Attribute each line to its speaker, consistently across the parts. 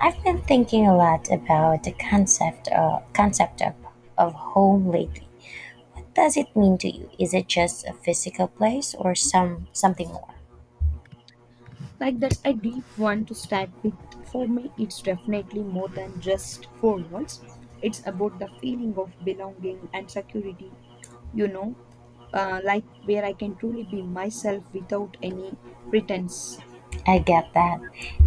Speaker 1: I've been thinking a lot about the concept of home lately. What does it mean to you? Is it just a physical place or something more?
Speaker 2: Like that's a deep one to start with. For me, it's definitely more than just four walls. It's about the feeling of belonging and security, you know, like where I can truly be myself without any pretense.
Speaker 1: I get that.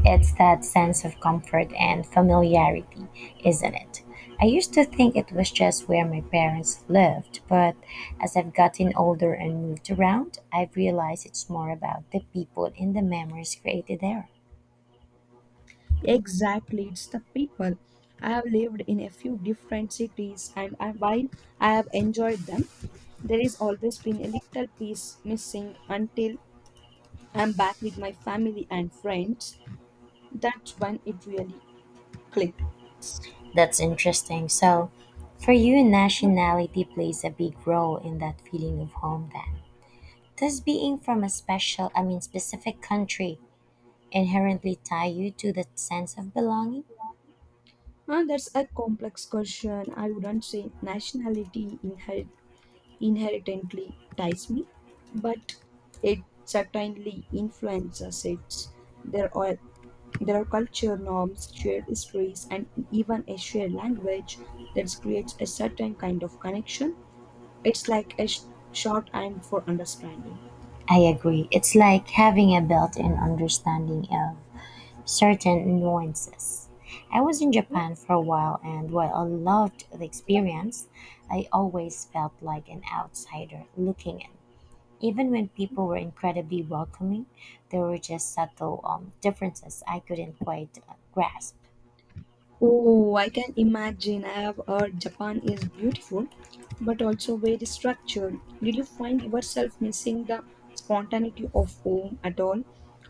Speaker 1: It's that sense of comfort and familiarity, isn't it? I used to think it was just where my parents lived, but as I've gotten older and moved around, I've realized it's more about the people and the memories created there.
Speaker 2: Exactly, it's the people. I have lived in a few different cities, and I, while I have enjoyed them, there is always been a little piece missing until I'm back with my family and friends. That's when it really cliques.
Speaker 1: That's interesting. So, for you, nationality plays a big role in that feeling of home then. Does being from a specific country inherently tie you to that sense of belonging?
Speaker 2: And that's a complex question. I wouldn't say inherently ties me, but it certainly influences it. There are there are culture norms, shared histories, and even a shared language that creates a certain kind of connection. It's like a shorthand for understanding.
Speaker 1: I agree. It's like having a built in understanding of certain nuances. I was in Japan for a while, and while I loved the experience, I always felt like an outsider looking in. Even when people were incredibly welcoming, there were just subtle differences I couldn't quite grasp.
Speaker 2: Oh, I can imagine. I have heard Japan is beautiful, but also very structured. Did you find yourself missing the spontaneity of home at all,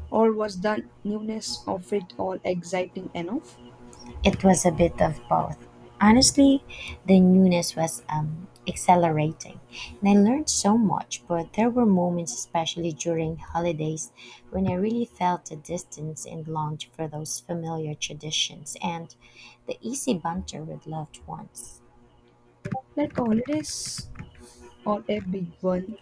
Speaker 2: or was the newness of it all exciting enough?
Speaker 1: It was a bit of both. Honestly, the newness was accelerating, and I learned so much, but there were moments, especially during holidays, when I really felt the distance and longed for those familiar traditions and the easy banter with loved ones.
Speaker 2: Like holidays or a big one,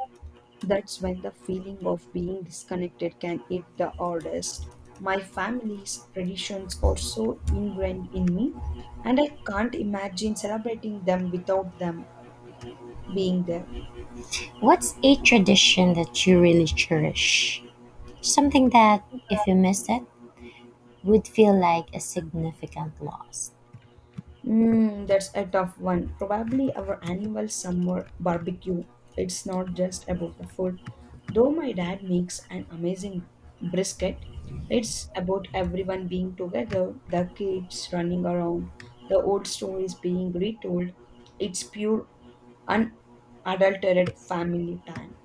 Speaker 2: that's when the feeling of being disconnected can hit the hardest. My family's traditions are so ingrained in me, and I can't imagine celebrating them without them being there.
Speaker 1: What's a tradition that you really cherish? Something that, if you missed it, would feel like a significant loss.
Speaker 2: Mm, that's a tough one. Probably our annual summer barbecue. It's not just about the food. Though my dad makes an amazing brisket, it's about everyone being together, the kids running around, the old stories being retold. It's pure, unadulterated family time.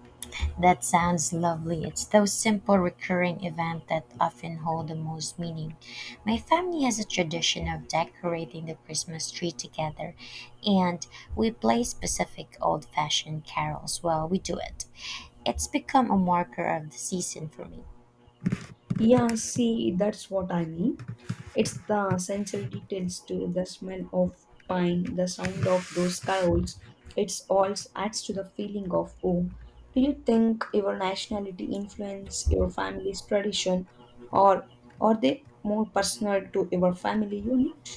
Speaker 1: That sounds lovely. It's those simple recurring events that often hold the most meaning. My family has a tradition of decorating the Christmas tree together, and we play specific old fashioned carols while we do it. It's become a marker of the season for me.
Speaker 2: Yeah, see, that's what I mean. It's the sensory details to the smell of pine, the sound of those cows. It's all adds to the feeling of home. Do you think your nationality influence your family's tradition, or are they more personal to your family unit?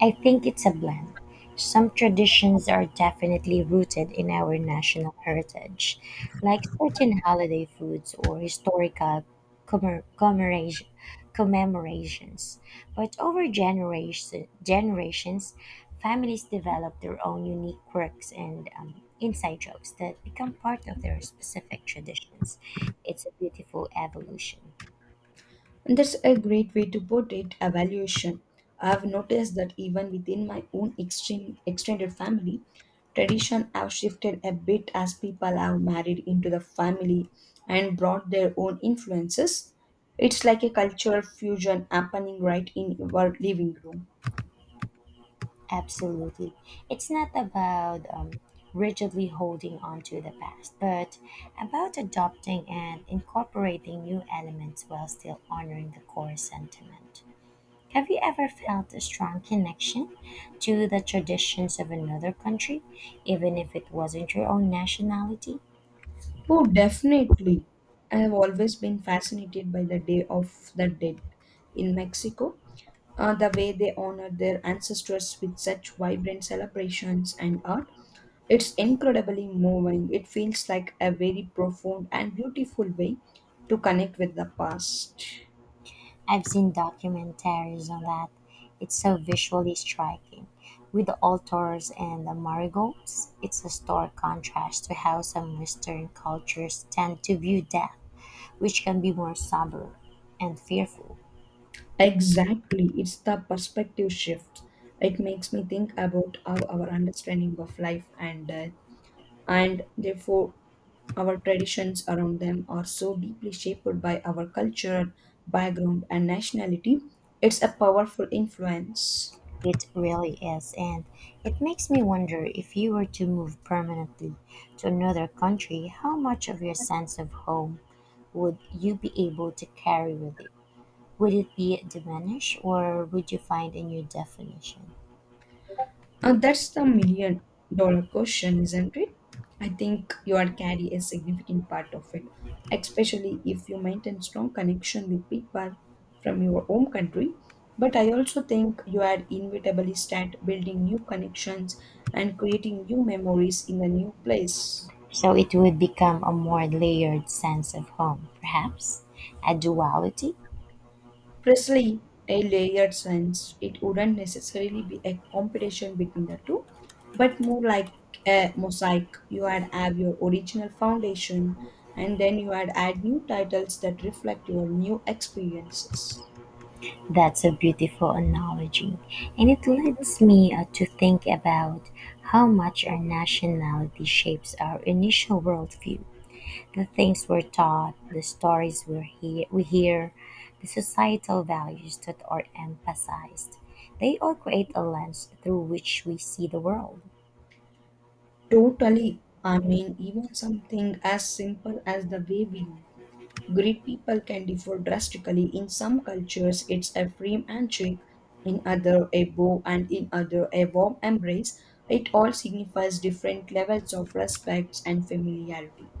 Speaker 1: I think it's a blend. Some traditions are definitely rooted in our national heritage, like certain holiday foods or historical commemor- commemoration- commemorations. But over generations, families develop their own unique quirks and inside jokes that become part of their specific traditions. It's a beautiful evolution.
Speaker 2: And that's a great way to put it, evaluation. I've noticed that even within my own extended family, tradition have shifted a bit as people have married into the family and brought their own influences. It's like a cultural fusion happening right in your living room.
Speaker 1: Absolutely. It's not about rigidly holding on to the past, but about adopting and incorporating new elements while still honoring the core sentiment. Have you ever felt a strong connection to the traditions of another country, even if it wasn't your own nationality?
Speaker 2: Oh, definitely. I have always been fascinated by the Day of the Dead in Mexico, the way they honor their ancestors with such vibrant celebrations and art. It's incredibly moving. It feels like a very profound and beautiful way to connect with the past.
Speaker 1: I've seen documentaries on that. It's so visually striking. With the altars and the marigolds, it's a stark contrast to how some Western cultures tend to view death, which can be more somber and fearful.
Speaker 2: Exactly, it's the perspective shift. It makes me think about how our understanding of life and death, and therefore our traditions around them, are so deeply shaped by our culture, background, and nationality. It's a powerful influence.
Speaker 1: It really is, and it makes me wonder if you were to move permanently to another country, how much of your sense of home would you be able to carry with you? Would it be diminished or would you find a new definition?
Speaker 2: That's the million dollar question, isn't it? I think you are carry a significant part of it, especially if you maintain strong connection with people from your home country. But I also think you are inevitably start building new connections and creating new memories in a new place.
Speaker 1: So it would become a more layered sense of home, perhaps a duality.
Speaker 2: Presley, a layered sense, it wouldn't necessarily be a competition between the two, but more like a mosaic. You had have your original foundation, and then you had add new titles that reflect your new experiences.
Speaker 1: That's a beautiful analogy. And it leads me to think about how much our nationality shapes our initial worldview. The things we're taught, the stories we hear, the societal values that are emphasized. They all create a lens through which we see the world.
Speaker 2: Totally. I mean, even something as simple as the way we Greed people can differ drastically. In some cultures, it's a firm handshake, in other a bow, and in other a warm embrace. It all signifies different levels of respect and familiarity.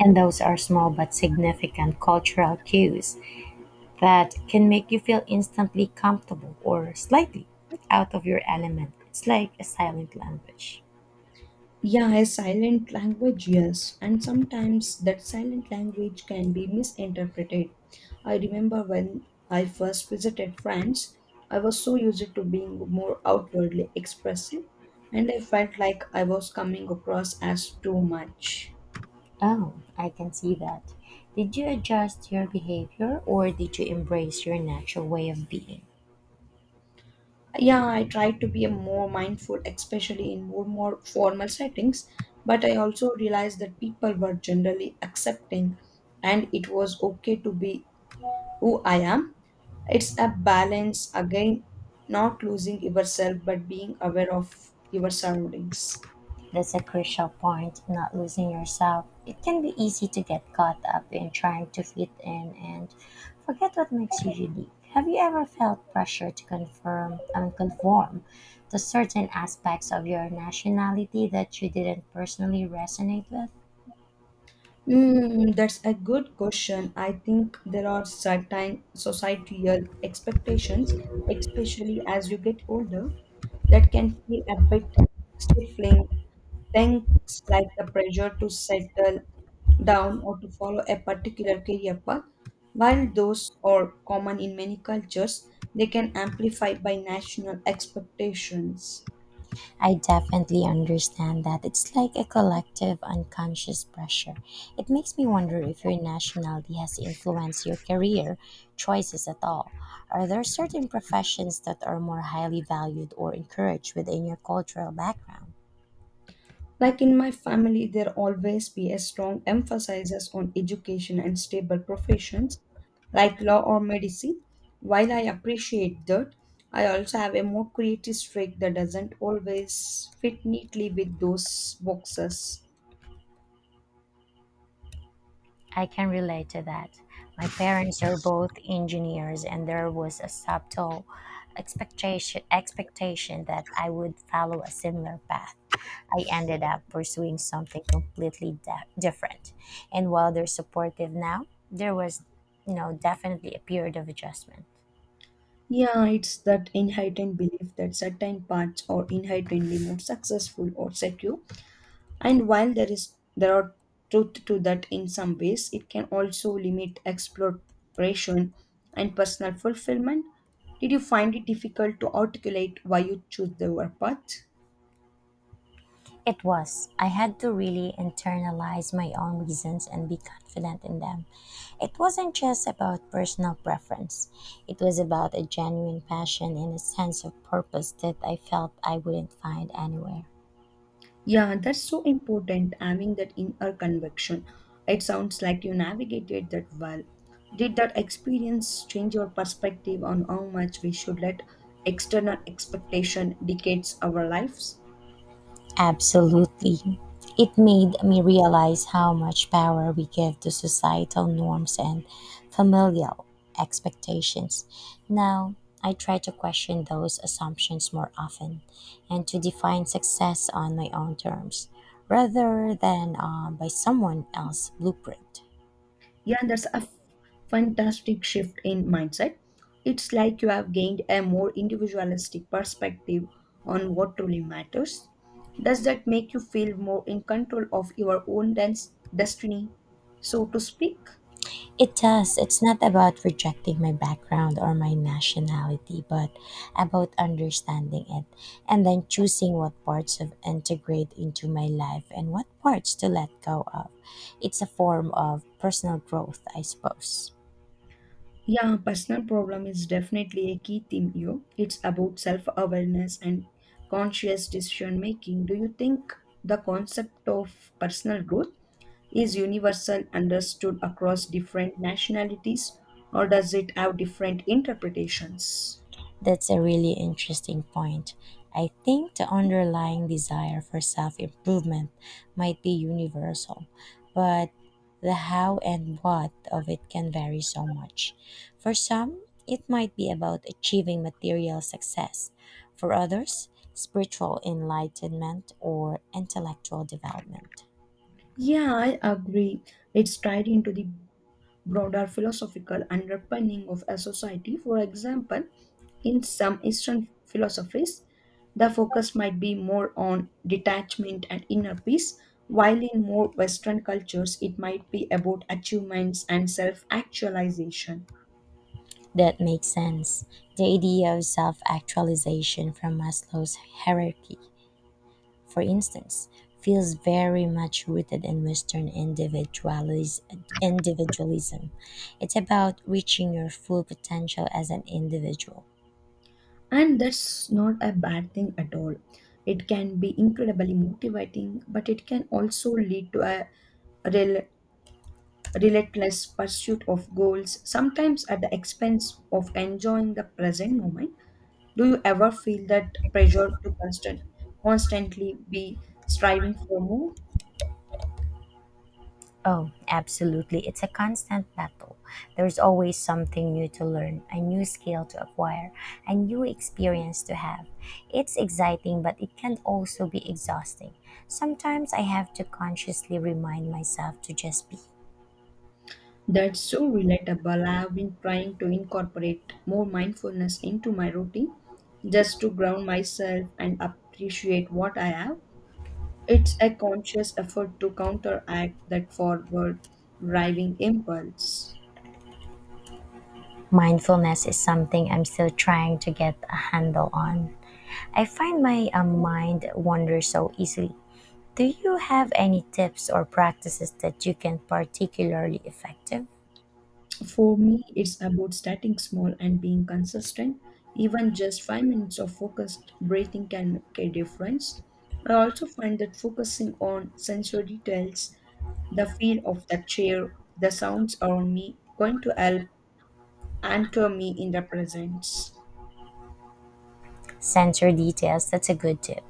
Speaker 1: And those are small but significant cultural cues that can make you feel instantly comfortable or slightly out of your element. It's like a silent language.
Speaker 2: Yeah, a silent language, yes. And sometimes that silent language can be misinterpreted. I remember when I first visited France, I was so used to being more outwardly expressive, and I felt like I was coming across as too much.
Speaker 1: Oh, I can see that. Did you adjust your behavior or did you embrace your natural way of being?
Speaker 2: Yeah, I try to be a more mindful, especially in more formal settings, but I also realized that people were generally accepting and it was okay to be who I am. It's a balance again, not losing yourself but being aware of your surroundings.
Speaker 1: That's a crucial point, not losing yourself. It can be easy to get caught up in trying to fit in and forget what makes you unique. Have you ever felt pressure to confirm and conform to certain aspects of your nationality that you didn't personally resonate with?
Speaker 2: Mm, that's a good question. I think there are certain societal expectations, especially as you get older, that can feel a bit stifling. Things like the pressure to settle down or to follow a particular career path, while those are common in many cultures, they can amplify by national expectations.
Speaker 1: I definitely understand that. It's like a collective unconscious pressure. It makes me wonder if your nationality has influenced your career choices at all. Are there certain professions that are more highly valued or encouraged within your cultural background?
Speaker 2: Like in my family, there always be a strong emphasis on education and stable professions like law or medicine. While I appreciate that, I also have a more creative streak that doesn't always fit neatly with those boxes.
Speaker 1: I can relate to that. My parents are both engineers, and there was a subtle expectation that I would follow a similar path. I ended up pursuing something completely different. And while they're supportive now, there was, definitely a period of adjustment.
Speaker 2: Yeah, it's that inherent belief that certain paths are inherently more successful or secure. And while there are truth to that in some ways, it can also limit exploration and personal fulfillment. Did you find it difficult to articulate why you choose the work path?
Speaker 1: It was. I had to really internalize my own reasons and be confident in them. It wasn't just about personal preference, it was about a genuine passion and a sense of purpose that I felt I wouldn't find anywhere.
Speaker 2: Yeah, that's so important, having that inner conviction. It sounds like you navigated that well. Did that experience change your perspective on how much we should let external expectation dictates our lives?
Speaker 1: Absolutely. It made me realize how much power we give to societal norms and familial expectations. Now, I try to question those assumptions more often and to define success on my own terms rather than by someone else's blueprint.
Speaker 2: Yeah, that's a fantastic shift in mindset. It's like you have gained a more individualistic perspective on what truly matters. Does that make you feel more in control of your own destiny, so to speak?
Speaker 1: It does. It's not about rejecting my background or my nationality, but about understanding it and then choosing what parts to integrate into my life and what parts to let go of. It's a form of personal growth, I suppose.
Speaker 2: Yeah, personal problem is definitely a key theme here. It's about self awareness and conscious decision making. Do you think the concept of personal growth is universal understood across different nationalities or does it have different interpretations?
Speaker 1: That's a really interesting point. I think the underlying desire for self improvement might be universal, but the how and what of it can vary so much. For some, it might be about achieving material success. For others, spiritual enlightenment or intellectual development.
Speaker 2: Yeah, I agree. It's tied into the broader philosophical underpinning of a society. For example, in some Eastern philosophies, the focus might be more on detachment and inner peace, while in more Western cultures, it might be about achievements and self actualization.
Speaker 1: That makes sense. The idea of self actualization from Maslow's hierarchy, for instance, feels very much rooted in Western individualism. It's about reaching your full potential as an individual.
Speaker 2: And that's not a bad thing at all. It can be incredibly motivating, but it can also lead to a rel- relentless pursuit of goals, sometimes at the expense of enjoying the present moment. Do you ever feel that pressure to constantly be striving for more?
Speaker 1: Oh, absolutely. It's a constant battle. There's always something new to learn, a new skill to acquire, a new experience to have. It's exciting, but it can also be exhausting. Sometimes I have to consciously remind myself to just be.
Speaker 2: That's so relatable. I have been trying to incorporate more mindfulness into my routine just to ground myself and appreciate what I have. It's a conscious effort to counteract that forward driving impulse.
Speaker 1: Mindfulness is something I'm still trying to get a handle on. I find my mind wanders so easily. Do you have any tips or practices that you can particularly effective?
Speaker 2: For me, it's about starting small and being consistent. Even just 5 minutes of focused breathing can make a difference. I also find that focusing on sensory details, the feel of the chair, the sounds around me, going to help anchor me in the presence.
Speaker 1: Censor details, that's a good tip.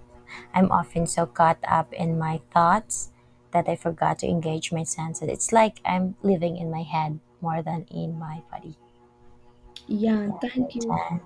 Speaker 1: I'm often so caught up in my thoughts that I forgot to engage my senses. It's like I'm living in my head more than in my body.
Speaker 2: Yeah, thank you.
Speaker 1: Uh,